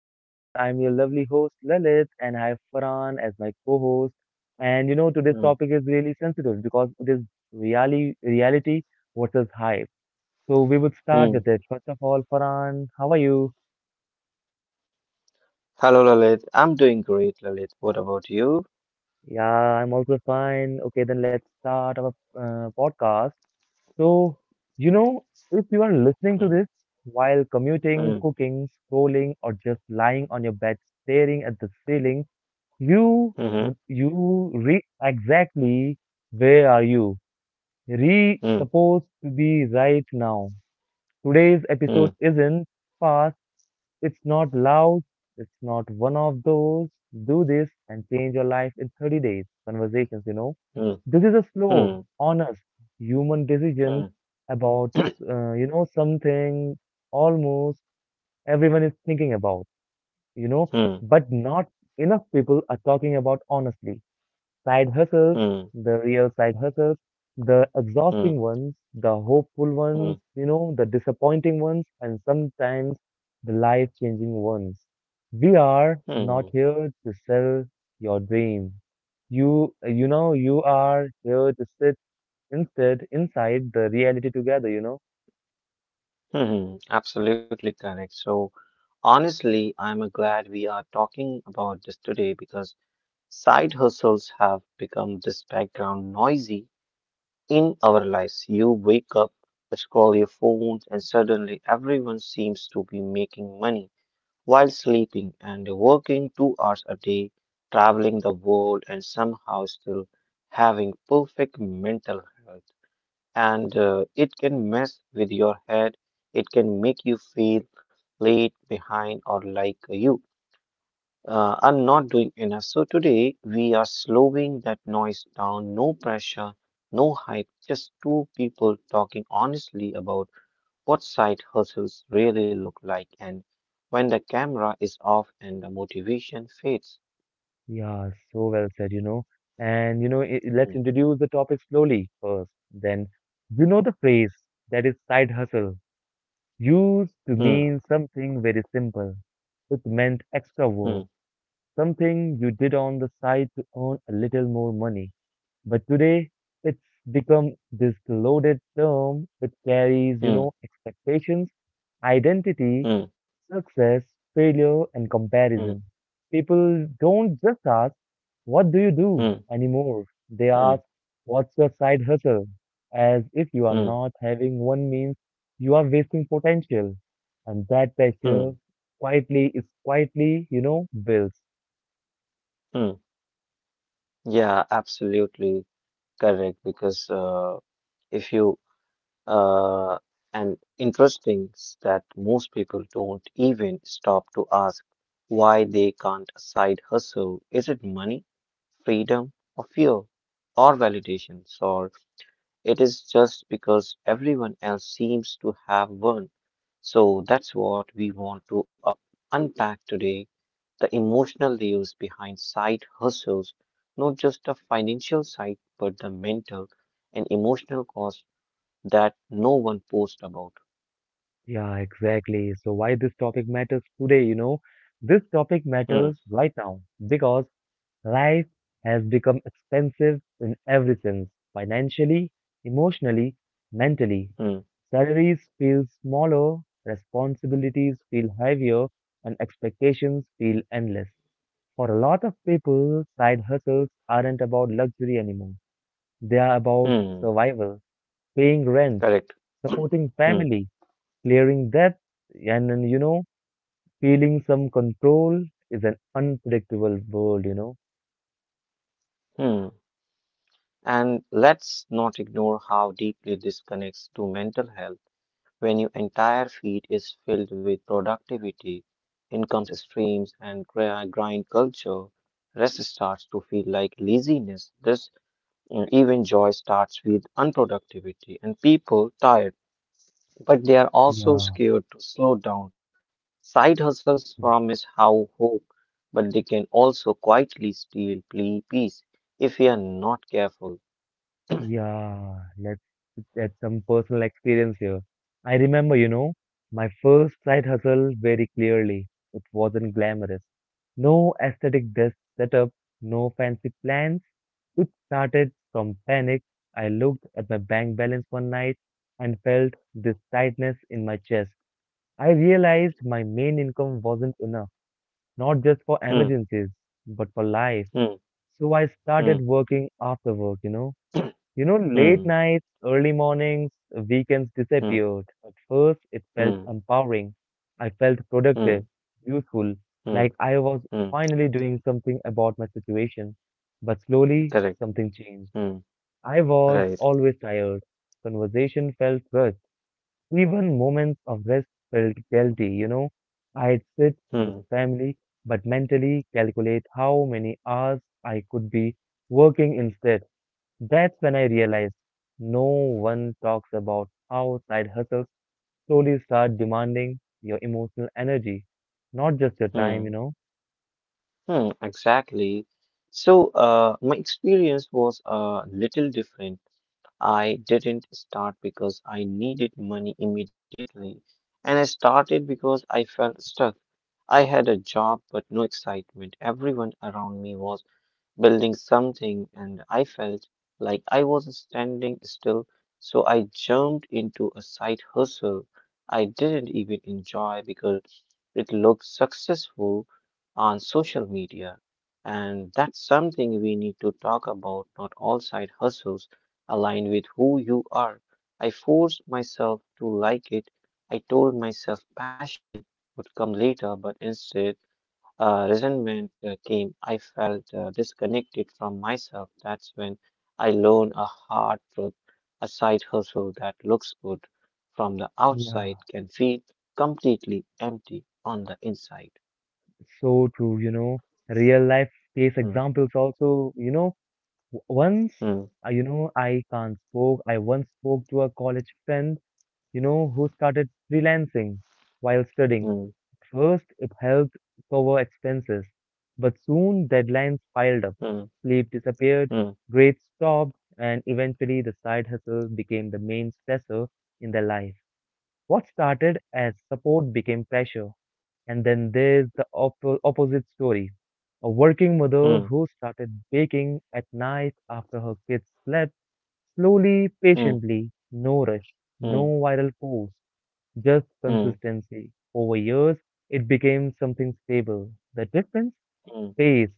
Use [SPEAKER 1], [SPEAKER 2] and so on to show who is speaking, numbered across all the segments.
[SPEAKER 1] And I'm your lovely host, Lalit, and I have Farhan as my co-host. And you know, today's topic is
[SPEAKER 2] Mm.
[SPEAKER 1] really sensitive because it is reality versus hype. So we would start with it.
[SPEAKER 2] Mm.
[SPEAKER 1] First of all, Farhan, how are you?
[SPEAKER 2] Hello, Lalit. I'm doing great, Lalit. What about you?
[SPEAKER 1] Yeah, I'm also fine. Okay, then let's start our podcast. So, you know, if you are listening to this
[SPEAKER 2] Mm.
[SPEAKER 1] while commuting,
[SPEAKER 2] Mm.
[SPEAKER 1] cooking, scrolling, or just lying on your bed staring at the ceiling,
[SPEAKER 2] Mm-hmm.
[SPEAKER 1] you re exactly where are you re
[SPEAKER 2] Mm.
[SPEAKER 1] supposed to be right now? Today's episode
[SPEAKER 2] Mm.
[SPEAKER 1] isn't fast, it's not loud, it's not one of those do this and change your life in 30 days conversations.
[SPEAKER 2] Mm.
[SPEAKER 1] This is a slow,
[SPEAKER 2] Mm.
[SPEAKER 1] honest human decision
[SPEAKER 2] Mm.
[SPEAKER 1] about, something almost everyone is thinking about, you know,
[SPEAKER 2] Mm.
[SPEAKER 1] but not enough people are talking about honestly side hustles,
[SPEAKER 2] Mm.
[SPEAKER 1] the real side hustles, the exhausting
[SPEAKER 2] Mm.
[SPEAKER 1] ones, the hopeful ones,
[SPEAKER 2] Mm.
[SPEAKER 1] the disappointing ones, and sometimes the life changing ones. We are not
[SPEAKER 2] Mm.
[SPEAKER 1] here to sell your dream. You are here to sit instead inside the reality together.
[SPEAKER 2] Mm. Absolutely correct. So, honestly, I'm glad we are talking about this today because side hustles have become this background noisy in our lives. You wake up, scroll your phones, and suddenly everyone seems to be making money while sleeping and working 2 hours a day, traveling the world, and somehow still having perfect mental health. And it can mess with your head, it can make you feel late, behind, or like you are not doing enough. So today we are slowing that noise down, no pressure, no hype, just two people talking honestly about what side hustles really look like and when the camera is off and the motivation fades.
[SPEAKER 1] Yeah, so well said. And, you know, I let's
[SPEAKER 2] Hmm,
[SPEAKER 1] introduce the topic slowly first. Then, the phrase that is side hustle used to
[SPEAKER 2] hmm,
[SPEAKER 1] mean something very simple. It meant extra
[SPEAKER 2] hmm,
[SPEAKER 1] work, something you did on the side to earn a little more money. But today, it's become this loaded term. It carries,
[SPEAKER 2] hmm,
[SPEAKER 1] expectations, identity, success, failure, and
[SPEAKER 2] hmm,
[SPEAKER 1] comparison. People don't just ask, what do you do
[SPEAKER 2] hmm,
[SPEAKER 1] anymore? They
[SPEAKER 2] hmm, hmm,
[SPEAKER 1] ask, what's your side hustle? As if you are
[SPEAKER 2] hmm,
[SPEAKER 1] not having one means you are wasting potential. And that pressure
[SPEAKER 2] hmm,
[SPEAKER 1] quietly is quietly, builds.
[SPEAKER 2] hmm. Yeah, absolutely correct. Because if you uh, and interesting is that most people don't even stop to ask why they can't side hustle. Is it money, freedom, or fear, or validations, or it is just because everyone else seems to have one. So that's what we want to unpack today, the emotional layers behind side hustles, not just the financial side, but the mental and emotional cost that no one posts about.
[SPEAKER 1] Yeah, exactly. So why this topic matters today, you know? This topic
[SPEAKER 2] Hmm,
[SPEAKER 1] matters right now because life has become expensive in every sense financially, emotionally, mentally.
[SPEAKER 2] hmm,
[SPEAKER 1] Salaries feel smaller, responsibilities feel heavier, and expectations feel endless. For a lot of people, side hustles aren't about luxury anymore. They are about
[SPEAKER 2] hmm,
[SPEAKER 1] survival, paying rent,
[SPEAKER 2] correct.
[SPEAKER 1] supporting
[SPEAKER 2] Hmm,
[SPEAKER 1] family, clearing debt, and feeling some control is an unpredictable world.
[SPEAKER 2] hmm. And let's not ignore how deeply this connects to mental health. When your entire feed is filled with productivity, income streams, and grind culture, rest starts to feel like laziness. Even joy starts with unproductivity, and people tired, but they are also
[SPEAKER 1] Yeah.
[SPEAKER 2] scared to slow down. Side hustles promise how hope, but they can also quietly steal peace if we are not careful.
[SPEAKER 1] Yeah, let's get some personal experience here. I remember, my first side hustle very clearly. It wasn't glamorous. No aesthetic desk setup, no fancy plans. It started from panic. I looked at my bank balance one night and felt this tightness in my chest. I realized my main income wasn't enough, not just for
[SPEAKER 2] Hmm,
[SPEAKER 1] emergencies, but for life.
[SPEAKER 2] hmm,
[SPEAKER 1] So I started
[SPEAKER 2] hmm,
[SPEAKER 1] working after work, late
[SPEAKER 2] hmm,
[SPEAKER 1] nights, early mornings, weekends
[SPEAKER 2] hmm,
[SPEAKER 1] disappeared. At first, it felt
[SPEAKER 2] hmm,
[SPEAKER 1] empowering. I felt
[SPEAKER 2] hmm,
[SPEAKER 1] productive, useful,
[SPEAKER 2] hmm,
[SPEAKER 1] like I was
[SPEAKER 2] hmm.
[SPEAKER 1] finally doing something about my situation. But slowly,
[SPEAKER 2] Correct.
[SPEAKER 1] something changed.
[SPEAKER 2] Hmm.
[SPEAKER 1] I was
[SPEAKER 2] Right.
[SPEAKER 1] always tired. Conversation felt rushed. Even moments of rest felt guilty. I'd sit with
[SPEAKER 2] Hmm.
[SPEAKER 1] family, but mentally calculate how many hours I could be working instead. That's when I realized no one talks about how side hustles slowly start demanding your emotional energy, not just your time, you
[SPEAKER 2] Hmm.
[SPEAKER 1] know.
[SPEAKER 2] Hmm. Exactly. So, my experience was a little different. I didn't start because I needed money immediately, and I started because I felt stuck. I had a job but no excitement. Everyone around me was building something, and I felt like I was standing still, so I jumped into a side hustle I didn't even enjoy because it looked successful on social media. And that's something we need to talk about. Not all side hustles align with who you are. I forced myself to like it. I told myself passion would come later, but instead, resentment came. I felt disconnected from myself. That's when I learned a hard truth: a side hustle that looks good from the outside
[SPEAKER 1] Yeah.
[SPEAKER 2] can feel completely empty on the inside.
[SPEAKER 1] So true, real life case
[SPEAKER 2] Mm,
[SPEAKER 1] examples also, once,
[SPEAKER 2] mm,
[SPEAKER 1] you know, I can't spoke, I once spoke to a college friend who started freelancing while studying.
[SPEAKER 2] mm,
[SPEAKER 1] At first, it helped cover expenses, but soon deadlines piled up,
[SPEAKER 2] mm,
[SPEAKER 1] sleep disappeared,
[SPEAKER 2] mm,
[SPEAKER 1] grades stopped, and eventually the side hustle became the main stressor in their life. What started as support became pressure, and then there's the opposite story. A working mother
[SPEAKER 2] mm,
[SPEAKER 1] who started baking at night after her kids slept, slowly,
[SPEAKER 2] mm,
[SPEAKER 1] patiently, no rush, no
[SPEAKER 2] mm,
[SPEAKER 1] viral posts, just
[SPEAKER 2] mm,
[SPEAKER 1] consistency. Over years, it became something stable. The difference?
[SPEAKER 2] mm,
[SPEAKER 1] Pace,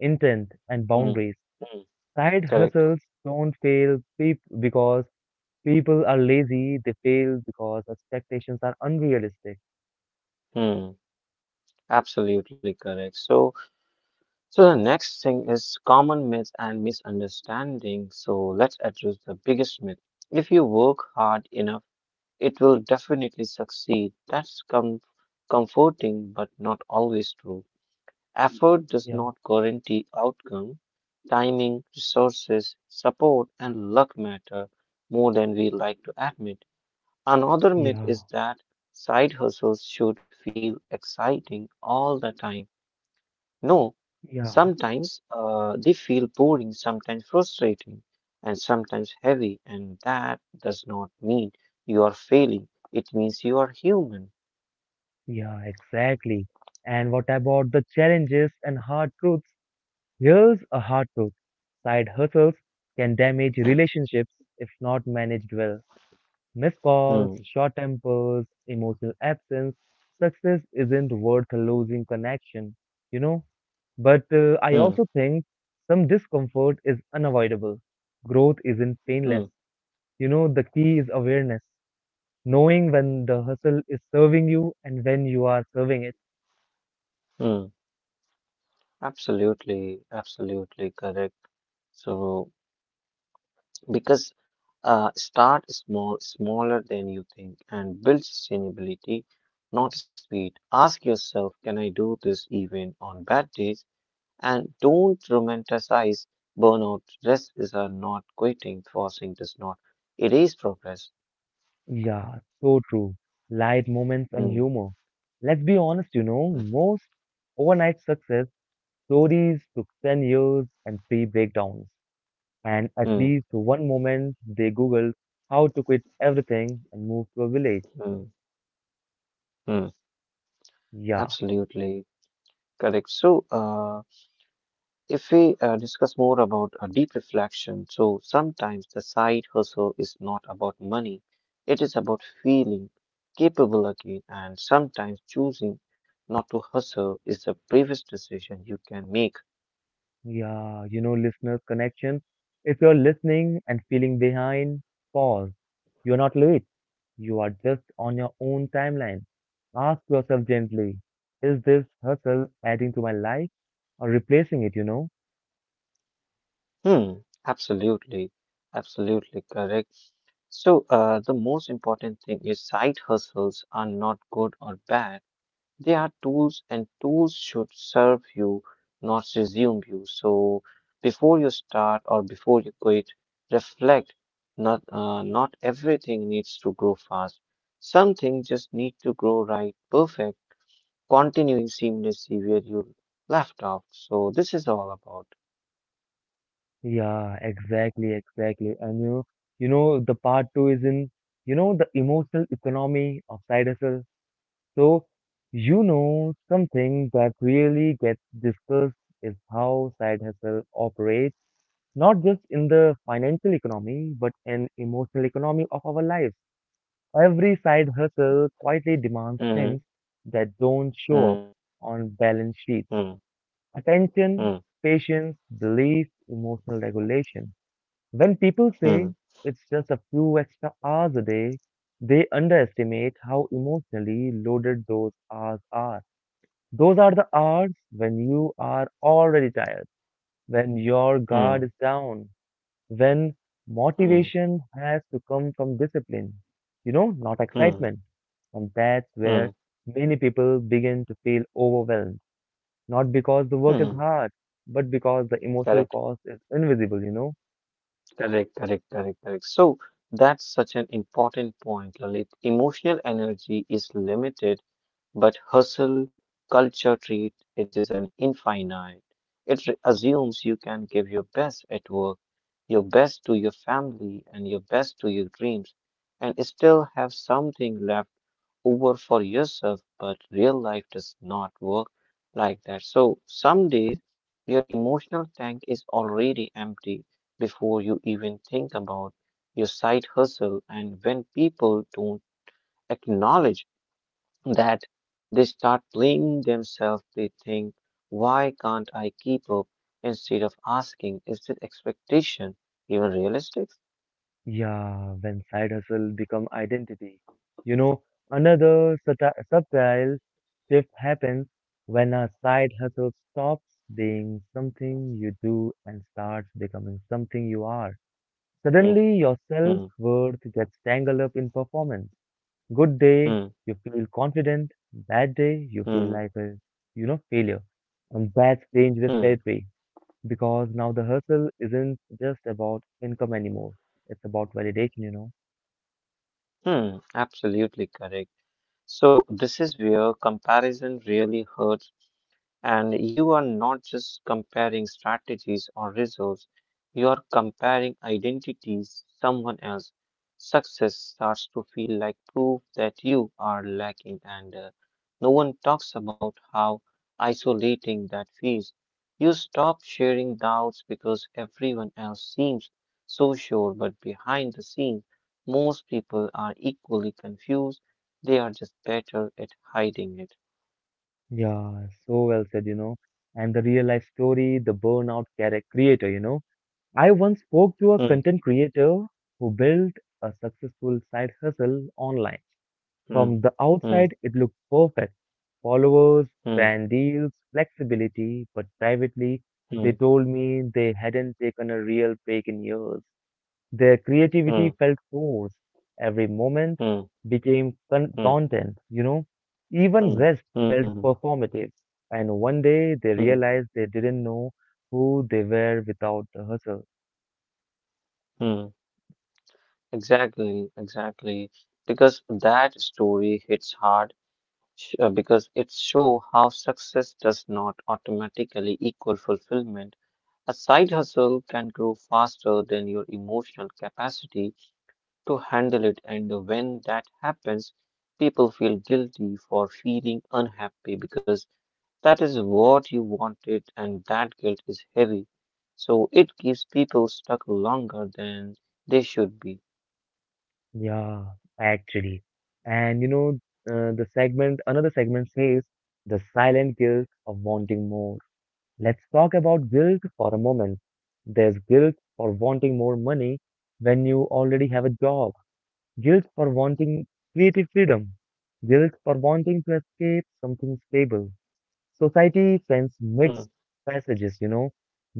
[SPEAKER 1] intent, and boundaries.
[SPEAKER 2] mm, mm.
[SPEAKER 1] Side hustles
[SPEAKER 2] Correct.
[SPEAKER 1] don't fail because people are lazy, they fail because expectations are unrealistic.
[SPEAKER 2] Mm, absolutely correct. So, the next thing is common myths and misunderstandings. So let's address the biggest myth. If you work hard enough, it will definitely succeed. That's comforting, but not always true. Effort does
[SPEAKER 1] Yeah,
[SPEAKER 2] not guarantee outcome. Timing, resources, support, and luck matter more than we like to admit. Another myth is
[SPEAKER 1] yeah,
[SPEAKER 2] that side hustles should feel exciting all the time. No,
[SPEAKER 1] yeah,
[SPEAKER 2] sometimes they feel boring, sometimes frustrating, and sometimes heavy, and that does not mean you are failing. It means you are human.
[SPEAKER 1] yeah, exactly. And what about the challenges and hard truths? Here's a hard truth, side hustles can damage relationships if not managed well. Missed calls,
[SPEAKER 2] Hmm,
[SPEAKER 1] short tempers, emotional absence. Success isn't worth losing connection, you know. But I
[SPEAKER 2] hmm,
[SPEAKER 1] also think some discomfort is unavoidable. Growth isn't painless.
[SPEAKER 2] hmm,
[SPEAKER 1] The key is awareness, knowing when the hustle is serving you and when you are serving it.
[SPEAKER 2] hmm. Absolutely, absolutely correct. So, because start small, smaller than you think, and build sustainability, not speed. Ask yourself, can I do this even on bad days? And don't romanticize burnout. Rest is a not quitting. Forcing does not erase progress.
[SPEAKER 1] Yeah, so true. Light moments and
[SPEAKER 2] Hmm,
[SPEAKER 1] humor. Let's be honest,
[SPEAKER 2] hmm,
[SPEAKER 1] most overnight success stories took 10 years and three breakdowns. And at
[SPEAKER 2] hmm,
[SPEAKER 1] least one moment they Googled how to quit everything and move to a village.
[SPEAKER 2] hmm, hmm.
[SPEAKER 1] Yeah,
[SPEAKER 2] Absolutely correct. So, if we discuss more about a deep reflection, so sometimes the side hustle is not about money. It is about feeling capable again, and sometimes choosing not to hustle is the bravest decision you can make.
[SPEAKER 1] yeah, listeners' connection. If you're listening and feeling behind, pause. You're not late. You are just on your own timeline. Ask yourself gently, is this hustle adding to my life or replacing it?
[SPEAKER 2] Hmm, absolutely. Absolutely correct. So, the most important thing is side hustles are not good or bad. They are tools, and tools should serve you, not resume you. So, before you start or before you quit, reflect. Not everything needs to grow fast. Some things just need to grow right, perfect, continuing seamlessly where you left off. So, this is all about.
[SPEAKER 1] Yeah, exactly, exactly. And the part two is in, the emotional economy of side hustle. So, something that really gets discussed is how side hustle operates, not just in the financial economy, but in emotional economy of our lives. Every side hustle quietly demands
[SPEAKER 2] Mm,
[SPEAKER 1] things that don't
[SPEAKER 2] mm,
[SPEAKER 1] show up on balance sheets.
[SPEAKER 2] mm, mm,
[SPEAKER 1] Attention, patience, belief, emotional regulation. When people
[SPEAKER 2] mm,
[SPEAKER 1] say it's just a few extra hours a day, they underestimate how emotionally loaded those hours are. Those are the hours when you are already tired, when your guard
[SPEAKER 2] mm,
[SPEAKER 1] is down, when
[SPEAKER 2] mm,
[SPEAKER 1] motivation has to come from discipline, not
[SPEAKER 2] mm,
[SPEAKER 1] excitement. And that's
[SPEAKER 2] mm,
[SPEAKER 1] where many people begin to feel overwhelmed, not because the work is
[SPEAKER 2] mm.
[SPEAKER 1] hard, but because the emotional
[SPEAKER 2] Correct,
[SPEAKER 1] cost is invisible.
[SPEAKER 2] correct, correct, correct, correct. So that's such an important point, Lalit. Emotional energy is limited, but hustle culture treat it is an infinite. It assumes you can give your best at work, your best to your family, and your best to your dreams, and still have something left over for yourself. But real life does not work like that. So someday, your emotional tank is already empty before you even think about your side hustle. And when people don't acknowledge that, they start blaming themselves. They think, why can't I keep up? Instead of asking, is this expectation even realistic?
[SPEAKER 1] Yeah, when side hustle become identity. You know, another subtle shift happens when a side hustle stops being something you do and starts becoming something you are.
[SPEAKER 2] Hmm,
[SPEAKER 1] Suddenly, your
[SPEAKER 2] hmm,
[SPEAKER 1] self-worth gets tangled up in performance. Good day,
[SPEAKER 2] hmm,
[SPEAKER 1] you feel confident. Bad day, you feel
[SPEAKER 2] hmm,
[SPEAKER 1] like a, failure. And that's dangerous
[SPEAKER 2] hmm,
[SPEAKER 1] territory because now the hustle isn't just about income anymore. It's about validation.
[SPEAKER 2] hmm. Absolutely correct. So, this is where comparison really hurts. And you are not just comparing strategies or results, you are comparing identities. Someone else. Success starts to feel like proof that you are lacking, and no one talks about how isolating that feels. You stop sharing doubts because everyone else seems so sure, but behind the scenes, most people are equally confused. They are just better at hiding it.
[SPEAKER 1] Yeah, so well said. And the real life story, the burnout character creator. I once spoke to a
[SPEAKER 2] Hmm,
[SPEAKER 1] content creator who built a successful side hustle online.
[SPEAKER 2] hmm,
[SPEAKER 1] From the
[SPEAKER 2] hmm.
[SPEAKER 1] outside, it looked perfect. Followers,
[SPEAKER 2] Mm,
[SPEAKER 1] brand deals, flexibility, but privately,
[SPEAKER 2] mm,
[SPEAKER 1] they told me they hadn't taken a real break in years. Their creativity
[SPEAKER 2] mm,
[SPEAKER 1] felt forced. Every moment
[SPEAKER 2] mm,
[SPEAKER 1] became con-
[SPEAKER 2] mm,
[SPEAKER 1] content, you know. Even
[SPEAKER 2] mm,
[SPEAKER 1] rest felt
[SPEAKER 2] mm,
[SPEAKER 1] performative. And one day they
[SPEAKER 2] mm,
[SPEAKER 1] realized they didn't know who they were without the hustle.
[SPEAKER 2] mm. Exactly, exactly. Because that story hits hard, because it shows how success does not automatically equal fulfillment. A side hustle can grow faster than your emotional capacity to handle it, and when that happens, people feel guilty for feeling unhappy because that is what you wanted, and that guilt is heavy. So it keeps people stuck longer than they should be.
[SPEAKER 1] Yeah, actually. And another segment says the silent guilt of wanting more. Let's talk about guilt for a moment. There's guilt for wanting more money when you already have a job. Guilt for wanting creative freedom. Guilt for wanting to escape something stable. Society sends
[SPEAKER 2] Hmm,
[SPEAKER 1] mixed messages.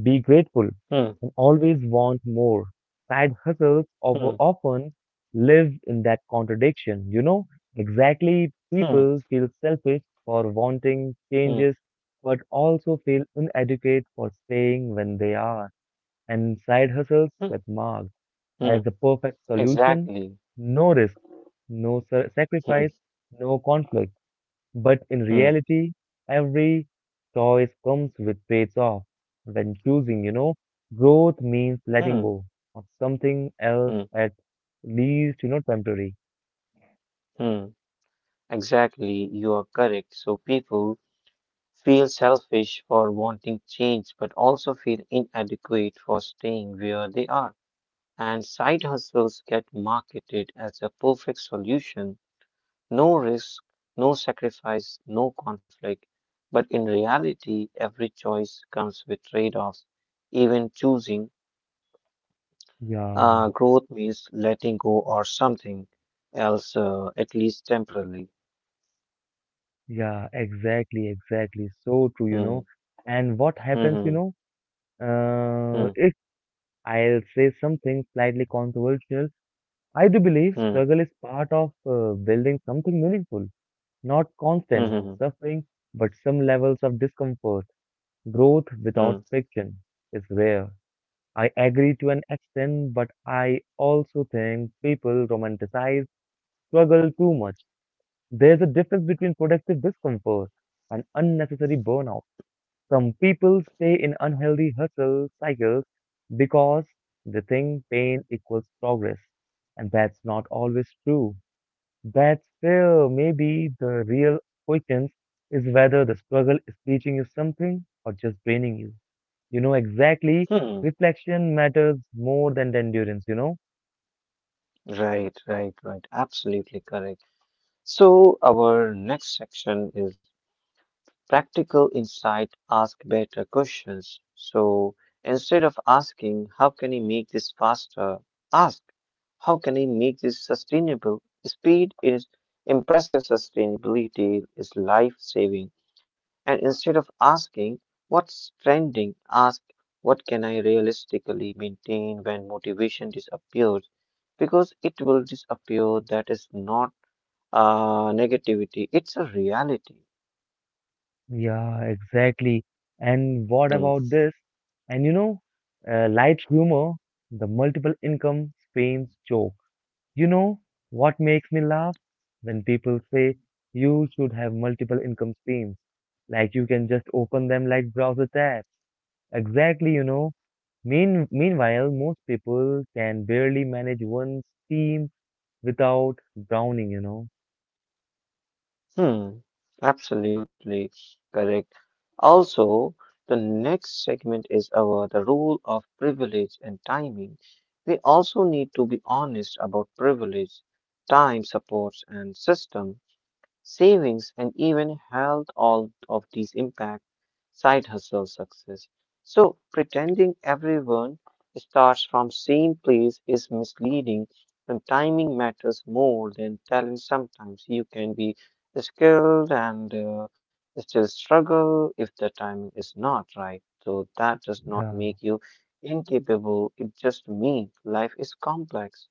[SPEAKER 1] Be grateful
[SPEAKER 2] hmm,
[SPEAKER 1] and always want more. Side hustles over
[SPEAKER 2] hmm,
[SPEAKER 1] often live in that contradiction. Exactly,
[SPEAKER 2] hmm,
[SPEAKER 1] people feel selfish for wanting
[SPEAKER 2] hmm,
[SPEAKER 1] changes, but also feel inadequate for staying when they are. And side hustles
[SPEAKER 2] hmm,
[SPEAKER 1] get marked
[SPEAKER 2] hmm.
[SPEAKER 1] as the perfect solution,
[SPEAKER 2] Exactly.
[SPEAKER 1] no risk, no sa-
[SPEAKER 2] Hmm,
[SPEAKER 1] sacrifice, no conflict. But in
[SPEAKER 2] hmm,
[SPEAKER 1] reality, every choice comes with trades off. When choosing, growth means letting
[SPEAKER 2] hmm,
[SPEAKER 1] go of something else
[SPEAKER 2] hmm,
[SPEAKER 1] at least, temporary.
[SPEAKER 2] hmm. Exactly, you are correct. So people feel selfish for wanting change, but also feel inadequate for staying where they are. And side hustles get marketed as a perfect solution: no risk, no sacrifice, no conflict. But in reality, every choice comes with trade offs. Even choosing
[SPEAKER 1] Yeah,
[SPEAKER 2] growth means letting go or something else, at least temporarily.
[SPEAKER 1] yeah, exactly, exactly. So true, you
[SPEAKER 2] Hmm.
[SPEAKER 1] know. And what happens,
[SPEAKER 2] Hmm. Hmm.
[SPEAKER 1] if I'll say something slightly controversial, I do believe
[SPEAKER 2] Hmm.
[SPEAKER 1] struggle is part of building something meaningful. Not constant
[SPEAKER 2] Hmm. Hmm.
[SPEAKER 1] suffering, but some levels of discomfort. Growth without
[SPEAKER 2] Hmm.
[SPEAKER 1] friction is rare. I agree to an extent, but I also think people romanticize struggle too much. There's a difference between productive discomfort and unnecessary burnout. Some people stay in unhealthy hustle cycles because they think pain equals progress, and that's not always true. That's where maybe the real questions is whether the struggle is teaching you something or just draining you. You know exactly,
[SPEAKER 2] Hmm.
[SPEAKER 1] reflection matters more than the endurance?
[SPEAKER 2] Right, right, right. Absolutely correct. So, our next section is practical insight: ask better questions. So instead of asking, how can I make this faster? Ask, how can I make this sustainable? Speed is impressive, sustainability is life saving. And instead of asking, what's trending? Ask, what can I realistically maintain when motivation disappears? Because it will disappear. That is not negativity, it's a reality.
[SPEAKER 1] Yeah, exactly. And what
[SPEAKER 2] Hmm.
[SPEAKER 1] about this? And light humor, the multiple income strains joke. You know what makes me laugh? When people say you should have multiple income streams, like you can just open them like browser tabs. Exactly. Meanwhile, most people can barely manage one steam without drowning.
[SPEAKER 2] Hmm, absolutely correct. Also, the next segment is about the role of privilege and timing. We also need to be honest about privilege, time, supports, and system savings, and even health, all of these impact side hustle success. So pretending everyone starts from same place is misleading, and timing matters more than talent. Sometimes you can be skilled and still struggle if the timing is not right, so that does not
[SPEAKER 1] Yeah.
[SPEAKER 2] make you incapable. It just means life is complex.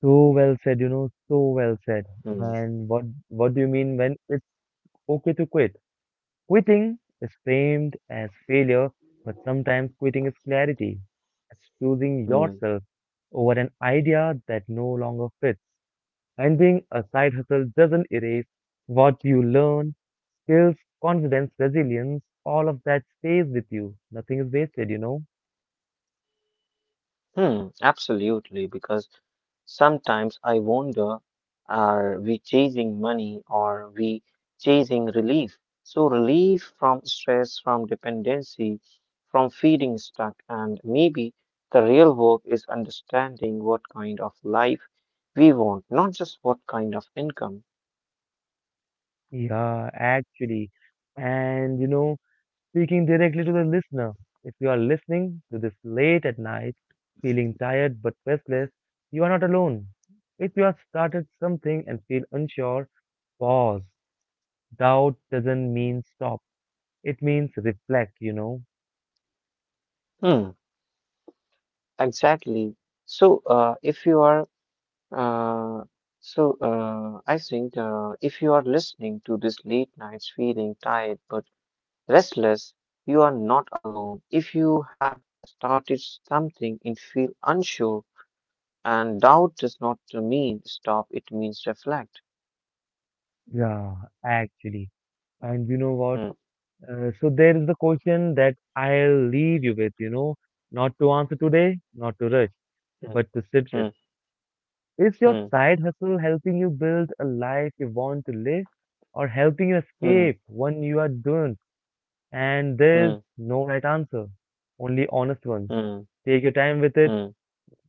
[SPEAKER 1] So well said, so well said.
[SPEAKER 2] Hmm,
[SPEAKER 1] And what do you mean when it's okay to quit? Quitting is framed as failure, but sometimes quitting is clarity. It's choosing
[SPEAKER 2] hmm,
[SPEAKER 1] yourself over an idea that no longer fits. And being a side hustle doesn't erase what you learn, skills, confidence, resilience, all of that stays with you. Nothing is wasted?
[SPEAKER 2] hmm, absolutely, because sometimes I wonder, are we chasing money or we chasing relief? So, relief from stress, from dependency, from feeling stuck, and maybe the real work is understanding what kind of life we want, not just what kind of income.
[SPEAKER 1] Yeah, actually. And, speaking directly to the listener, if you are listening to this late at night, feeling tired but restless, you are not alone. If you have started something and feel unsure, pause. Doubt doesn't mean stop. It means reflect?
[SPEAKER 2] Hmm, exactly. So, if you are, uh, so I think if you are listening to this late nights, feeling tired but restless, you are not alone. If you have started something and feel unsure, and doubt does not mean stop, it means reflect.
[SPEAKER 1] Yeah, actually. And you know what?
[SPEAKER 2] Hmm,
[SPEAKER 1] So there is the question that I'll leave you with, not to answer today, not to rush,
[SPEAKER 2] hmm,
[SPEAKER 1] but to sit with. Is your
[SPEAKER 2] hmm,
[SPEAKER 1] side hustle helping you build a life you want to live or helping you
[SPEAKER 2] hmm,
[SPEAKER 1] escape one you are doing? And there's
[SPEAKER 2] hmm,
[SPEAKER 1] no right answer, only honest ones.
[SPEAKER 2] hmm,
[SPEAKER 1] Take your time with it.
[SPEAKER 2] hmm,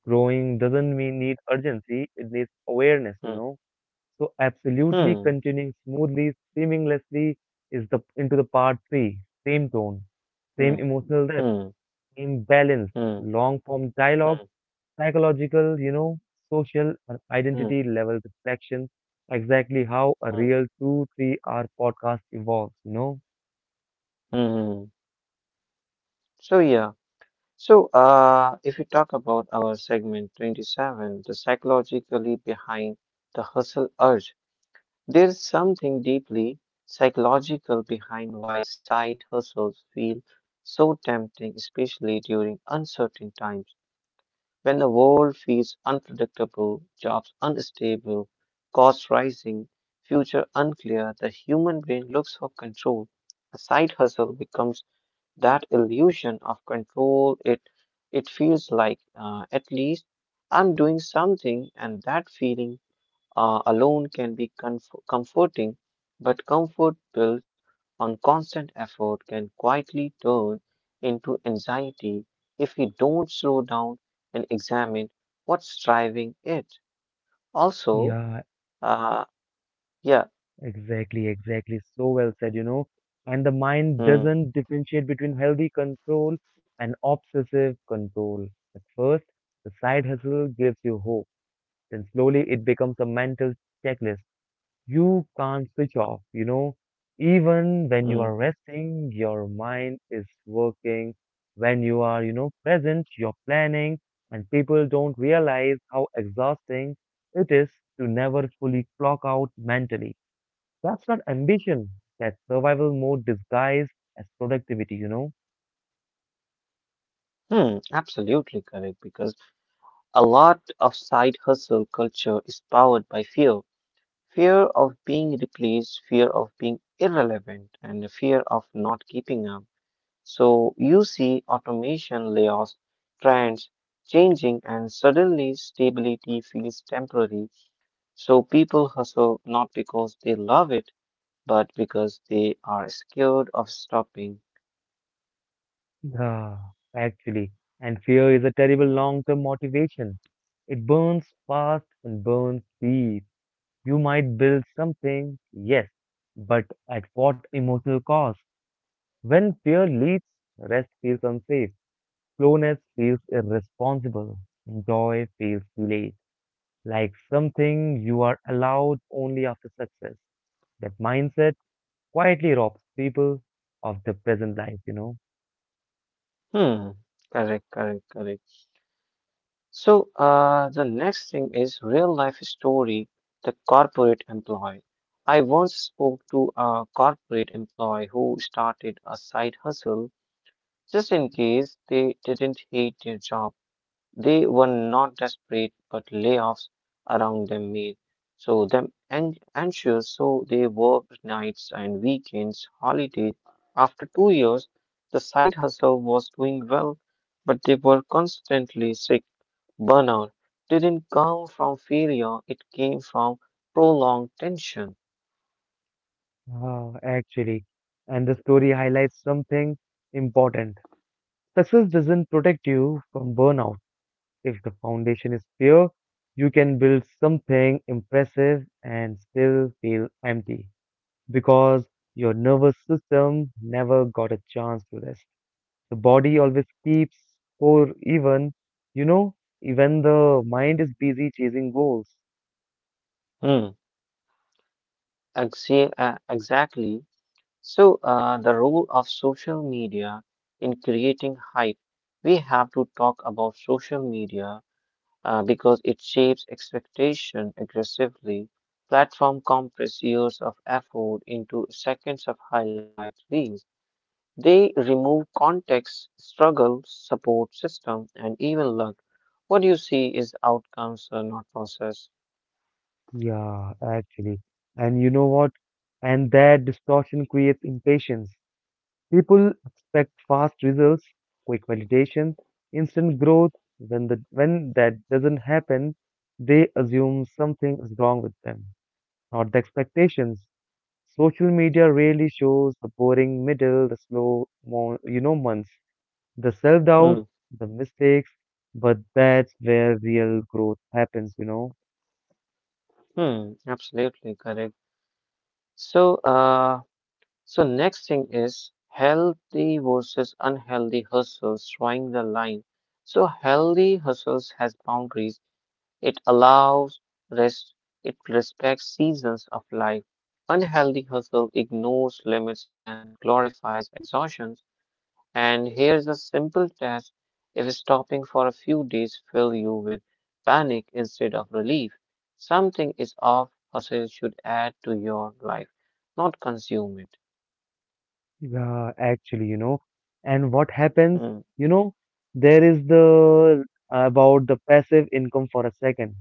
[SPEAKER 1] Growing doesn't mean need urgency, it needs awareness, you
[SPEAKER 2] hmm,
[SPEAKER 1] know. So absolutely
[SPEAKER 2] hmm,
[SPEAKER 1] continuing smoothly, seamlessly is the into the part three. Same tone,
[SPEAKER 2] hmm,
[SPEAKER 1] same emotional
[SPEAKER 2] hmm,
[SPEAKER 1] depth,
[SPEAKER 2] hmm,
[SPEAKER 1] same balance,
[SPEAKER 2] hmm,
[SPEAKER 1] long form
[SPEAKER 2] hmm,
[SPEAKER 1] dialogue, psychological, social and
[SPEAKER 2] hmm, hmm
[SPEAKER 1] identity level reflection. Exactly how a real 2, 3 hour podcast evolves, you know?
[SPEAKER 2] hmm. So yeah. So if we talk about our segment 27, the psychologically behind the hustle urge. There's something deeply psychological behind why side hustles feel so tempting, especially during uncertain times when the world feels unpredictable, jobs unstable, costs rising, future unclear. The human brain looks for control. A side hustle becomes that illusion of control. It feels like at least I'm doing something, and that feeling alone can be comforting, but comfort built on constant effort can quietly turn into anxiety if we don't slow down and examine what's driving it. Also,
[SPEAKER 1] Yeah,
[SPEAKER 2] uh, yeah,
[SPEAKER 1] exactly, exactly. So well said. And the mind
[SPEAKER 2] hmm,
[SPEAKER 1] doesn't differentiate between healthy control and obsessive control. At first, the side hustle gives you hope. Then slowly it becomes a mental checklist. You can't switch off. Even when you
[SPEAKER 2] hmm,
[SPEAKER 1] are resting, your mind is working. When you are, present, you're planning, and people don't realize how exhausting it is to never fully clock out mentally. That's not ambition. That's survival mode disguised as productivity, you know?
[SPEAKER 2] hmm, absolutely correct, because a lot of side hustle culture is powered by fear. Fear of being replaced, fear of being irrelevant, and the fear of not keeping up. So you see automation layoffs, trends changing, and suddenly stability feels temporary. So people hustle not because they love it, but because they are scared of stopping.
[SPEAKER 1] Yeah, actually. And fear is a terrible long term motivation. It burns fast and burns deep. You might build something, yes, but at what emotional cost? When fear leads, rest feels unsafe. Slowness feels irresponsible. Joy feels delayed, like something you are allowed only after success. That mindset quietly robs people of the present life.
[SPEAKER 2] Hmm. Correct, correct, correct. So, the next thing is real life story, the corporate employee. I once spoke to a corporate employee who started a side hustle just in case they didn't hate their job. They were not desperate, but layoffs around them made anxious. So they worked nights and weekends, holidays. After 2 years, the side hustle was doing well, but they were constantly sick. Burnout didn't come from failure; it came from prolonged tension.
[SPEAKER 1] Ah, actually. And the story highlights something important. Success doesn't protect you from burnout. If the foundation is pure, you can build something impressive and still feel empty because your nervous system never got a chance to rest. The body always keeps score even, you know, even the mind is busy chasing goals.
[SPEAKER 2] Hmm. Exactly. So, the role of social media in creating hype. We have to talk about social media because it shapes expectation aggressively. Platform compress years of effort into seconds of highlight reels. They remove context, struggle, support system, and even luck. What you see is outcomes, not process.
[SPEAKER 1] Yeah, actually. And you know what? And that distortion creates impatience. People expect fast results, quick validation, instant growth. When that doesn't happen, they assume something is wrong with them, not the expectations. Social media really shows the boring middle, the slow, more, months, the self-doubt,
[SPEAKER 2] Hmm.
[SPEAKER 1] the mistakes, but that's where real growth happens.
[SPEAKER 2] Hmm. Absolutely correct. So, uh, So next thing is healthy versus unhealthy hustles, drawing the line. So healthy hustles has boundaries. It allows rest. It respects seasons of life. Unhealthy hustle ignores limits and glorifies exhaustion. And here's a simple test. If stopping for a few days fill you with panic instead of relief, something is off. Hustle should add to your life, not consume it.
[SPEAKER 1] Yeah, actually, and what happens,
[SPEAKER 2] Hmm.
[SPEAKER 1] you know, there is the about the passive income for a second.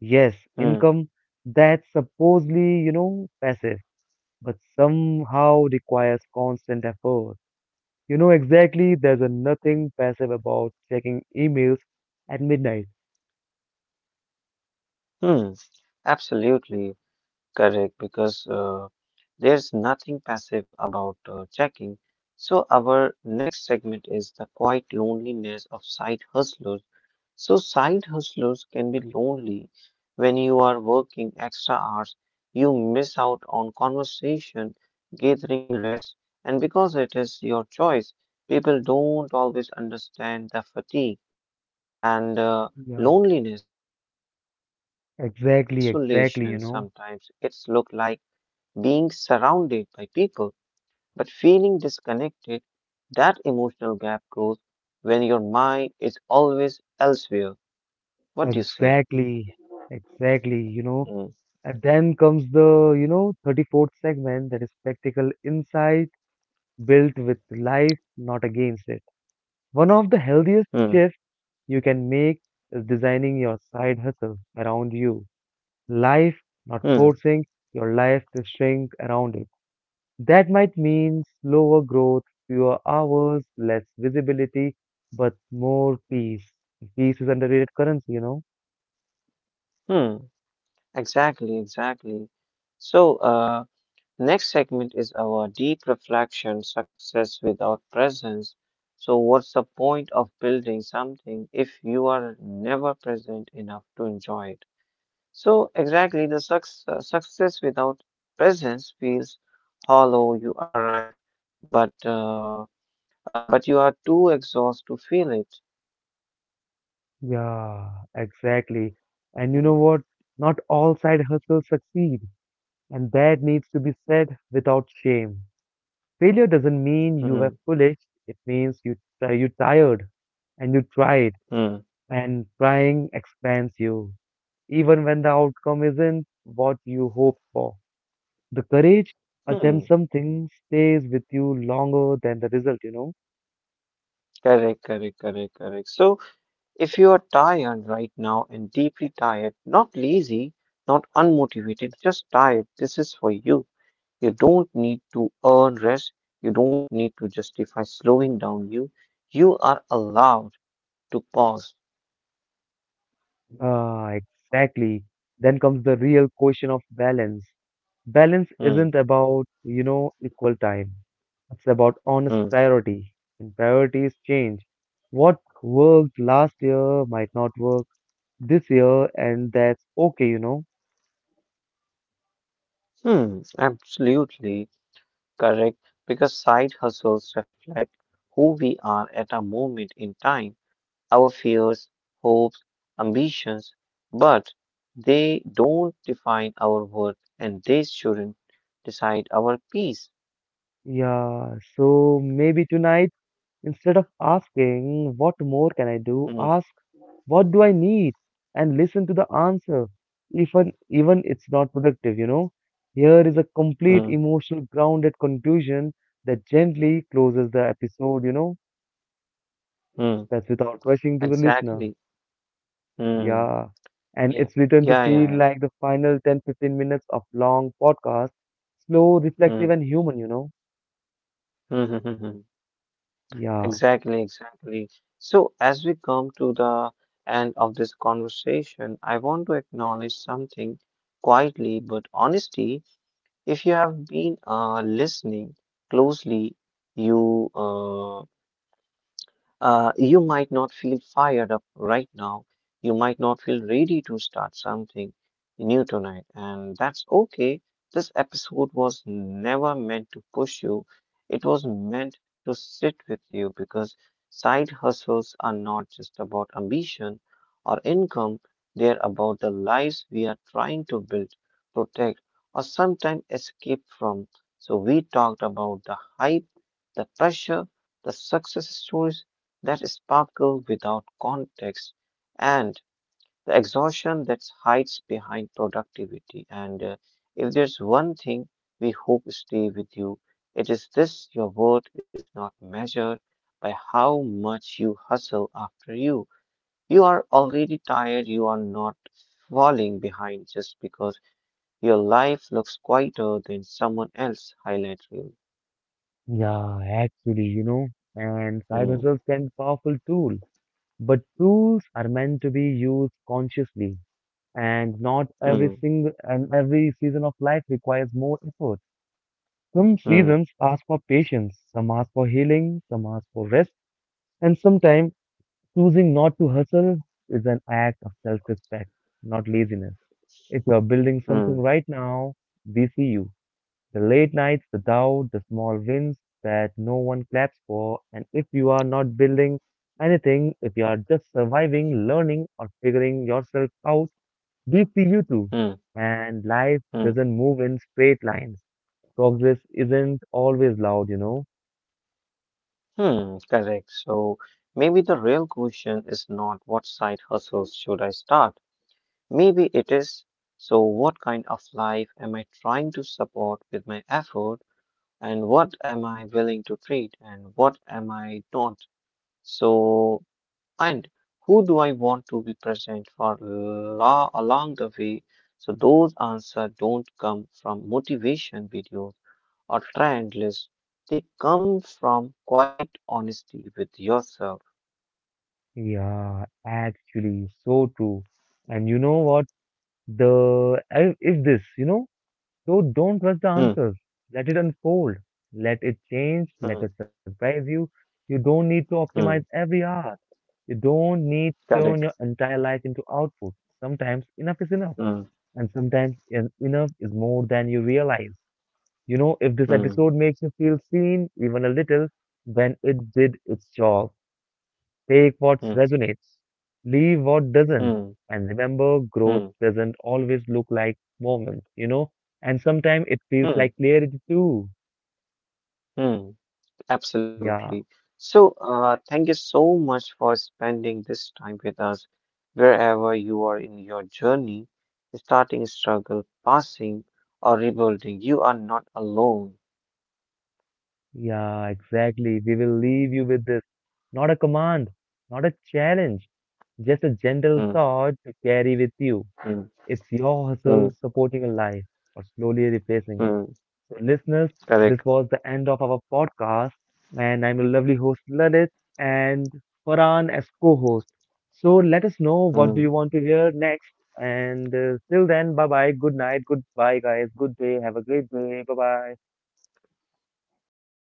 [SPEAKER 1] Yes,
[SPEAKER 2] Hmm.
[SPEAKER 1] income that's supposedly, passive, but somehow requires constant effort. You know exactly there's a nothing passive about checking emails at midnight.
[SPEAKER 2] Hmm. Absolutely correct because there's nothing passive about checking. So our next segment is the quiet loneliness of side hustlers. So side hustlers can be lonely when you are working extra hours. You miss out on conversation, gathering rest, and because it is your choice, people don't always understand the fatigue. And
[SPEAKER 1] Yeah,
[SPEAKER 2] loneliness does not always look like
[SPEAKER 1] exactly, exactly,
[SPEAKER 2] isolation. Sometimes it's look like being surrounded by people, but feeling disconnected. That emotional gap grows when your mind is always elsewhere. What do you say?
[SPEAKER 1] exactly, exactly.
[SPEAKER 2] Hmm.
[SPEAKER 1] And then comes the, 34th segment that is practical insight built with life, not against it. One of the healthiest
[SPEAKER 2] Hmm.
[SPEAKER 1] shifts you can make is designing your side hustle around you. Life, not
[SPEAKER 2] Hmm.
[SPEAKER 1] forcing your life to shrink around it. That might mean slower growth, fewer hours, less visibility, but more peace. Peace is underrated currency.
[SPEAKER 2] Hmm. Exactly. Exactly. So, next segment is our deep reflection success without presence. So, what's the point of building something if you are never present enough to enjoy it? So, exactly the success, success without presence feels hollow. You arrive, but uh, but you are too exhausted to feel it.
[SPEAKER 1] Yeah, exactly. And you know
[SPEAKER 2] Hmm,
[SPEAKER 1] what? Not all side hustles succeed, and that needs to be said without shame. Failure doesn't mean you were
[SPEAKER 2] hmm,
[SPEAKER 1] foolish, it means you try you tired and you tried,
[SPEAKER 2] hmm,
[SPEAKER 1] and trying expands you, even when the outcome isn't what you hoped for. The courage attempt
[SPEAKER 2] hmm.
[SPEAKER 1] something stays with you longer than the result, you know?
[SPEAKER 2] Correct, correct, correct, correct. So, if you are tired right now and deeply tired, not lazy, not unmotivated, just tired, this is for you. You don't need to earn rest. You don't need to justify slowing down. You are allowed to pause.
[SPEAKER 1] Ah, exactly. Then comes the real question of balance. Balance
[SPEAKER 2] Hmm,
[SPEAKER 1] isn't about, equal time. It's about
[SPEAKER 2] hmm,
[SPEAKER 1] honest priority. And priorities change. What worked last year might not work this year, and that's okay.
[SPEAKER 2] hmm, absolutely correct. Because side hustles reflect who we are at a moment in time. Our fears, hopes, ambitions, but they don't define our worth and they shouldn't decide our peace.
[SPEAKER 1] Yeah, so maybe tonight, instead of asking, what more can I do,
[SPEAKER 2] Hmm,
[SPEAKER 1] ask, what do I need? And listen to the answer, even it's not productive. Here is a complete
[SPEAKER 2] hmm,
[SPEAKER 1] emotional grounded conclusion that gently closes the episode.
[SPEAKER 2] hmm.
[SPEAKER 1] That's without rushing to the listener.
[SPEAKER 2] Exactly. Hmm.
[SPEAKER 1] Yeah. And
[SPEAKER 2] Yeah.
[SPEAKER 1] it's written to
[SPEAKER 2] Yeah, yeah,
[SPEAKER 1] feel
[SPEAKER 2] yeah.
[SPEAKER 1] like the final 10 15 minutes of long podcast, slow,
[SPEAKER 2] Hmm.
[SPEAKER 1] reflective, and human, you know?
[SPEAKER 2] Hmm, hmm, hmm, hmm.
[SPEAKER 1] Yeah.
[SPEAKER 2] Exactly, exactly. So, as we come to the end of this conversation, I want to acknowledge something quietly but honestly. If you have been listening closely, you uh, you might not feel fired up right now. You might not feel ready to start something new tonight, and that's okay. This episode was never meant to push you, it was meant to sit with you because side hustles are not just about ambition or income, they're about the lives we are trying to build, protect, or sometimes escape from. So, we talked about the hype, the pressure, the success stories that sparkle without context and the exhaustion that hides behind productivity. And if there's one thing we hope stay with you, it is this your worth is not measured by how much you hustle after you. You are already tired, you are not falling behind just because your life looks quieter than someone else's highlight reel.
[SPEAKER 1] Yeah, actually, you know? And side
[SPEAKER 2] Hmm,
[SPEAKER 1] hustles can powerful tool, but tools are meant to be used consciously. And not every
[SPEAKER 2] hmm,
[SPEAKER 1] single and every season of life requires more effort. Some
[SPEAKER 2] hmm,
[SPEAKER 1] seasons ask for patience, some ask for healing, some ask for rest, and sometimes choosing not to hustle is an act of self respect, not laziness. If you are building something
[SPEAKER 2] hmm,
[SPEAKER 1] right now, we see you. The late nights, the doubt, the small wins that no one claps for, and if you are not building anything, if you are just surviving, learning, or figuring yourself out, we see you too.
[SPEAKER 2] hmm,
[SPEAKER 1] And life
[SPEAKER 2] hmm.
[SPEAKER 1] doesn't move in straight lines. Progress isn't always loud, you know?
[SPEAKER 2] Hmm, correct. So maybe the real question is not what side hustles should I start? Maybe it is, so what kind of life am I trying to support with my effort and what am I willing to treat and what am I not? So, and who do I want to be present for la along the way? So those answers don't come from motivation videos or trend lists. They come from quite honesty with yourself.
[SPEAKER 1] Yeah, actually, so true. And you know what? Is this, you know? So don't rush the
[SPEAKER 2] Mm,
[SPEAKER 1] answers. Let it unfold. Let it change. Let
[SPEAKER 2] mm,
[SPEAKER 1] it surprise you. You don't need to optimize
[SPEAKER 2] mm.
[SPEAKER 1] every hour. You don't need to turn your
[SPEAKER 2] Correct.
[SPEAKER 1] entire life into output. Sometimes enough is enough,
[SPEAKER 2] Mm,
[SPEAKER 1] and sometimes enough is more than you realize. If this
[SPEAKER 2] mm,
[SPEAKER 1] episode makes you feel seen even a little, then it did its job. Take what
[SPEAKER 2] mm,
[SPEAKER 1] resonates, leave what doesn't,
[SPEAKER 2] mm,
[SPEAKER 1] and remember growth
[SPEAKER 2] mm,
[SPEAKER 1] doesn't always look like moments, and sometimes it feels like
[SPEAKER 2] mm,
[SPEAKER 1] clarity too.
[SPEAKER 2] mm.
[SPEAKER 1] Yeah,
[SPEAKER 2] Absolutely. So, thank you so much for spending this time with us, wherever you are in your journey, starting struggle, passing, or rebuilding. You are not alone.
[SPEAKER 1] yeah, exactly. We will leave you with this. Not a command, not a challenge, just a gentle
[SPEAKER 2] Mm,
[SPEAKER 1] thought to carry with you.
[SPEAKER 2] mm,
[SPEAKER 1] It's your hustle
[SPEAKER 2] mm,
[SPEAKER 1] supporting a life or slowly replacing it.
[SPEAKER 2] mm.
[SPEAKER 1] So, listeners, this
[SPEAKER 2] Correct.
[SPEAKER 1] was the end of our podcast, and I'm your lovely host Lalit and Farhan as co-host. So, let us know what do
[SPEAKER 2] Mm.
[SPEAKER 1] you want to hear next. And till then, bye bye, good night, goodbye, guys, good day, have a great day, bye bye.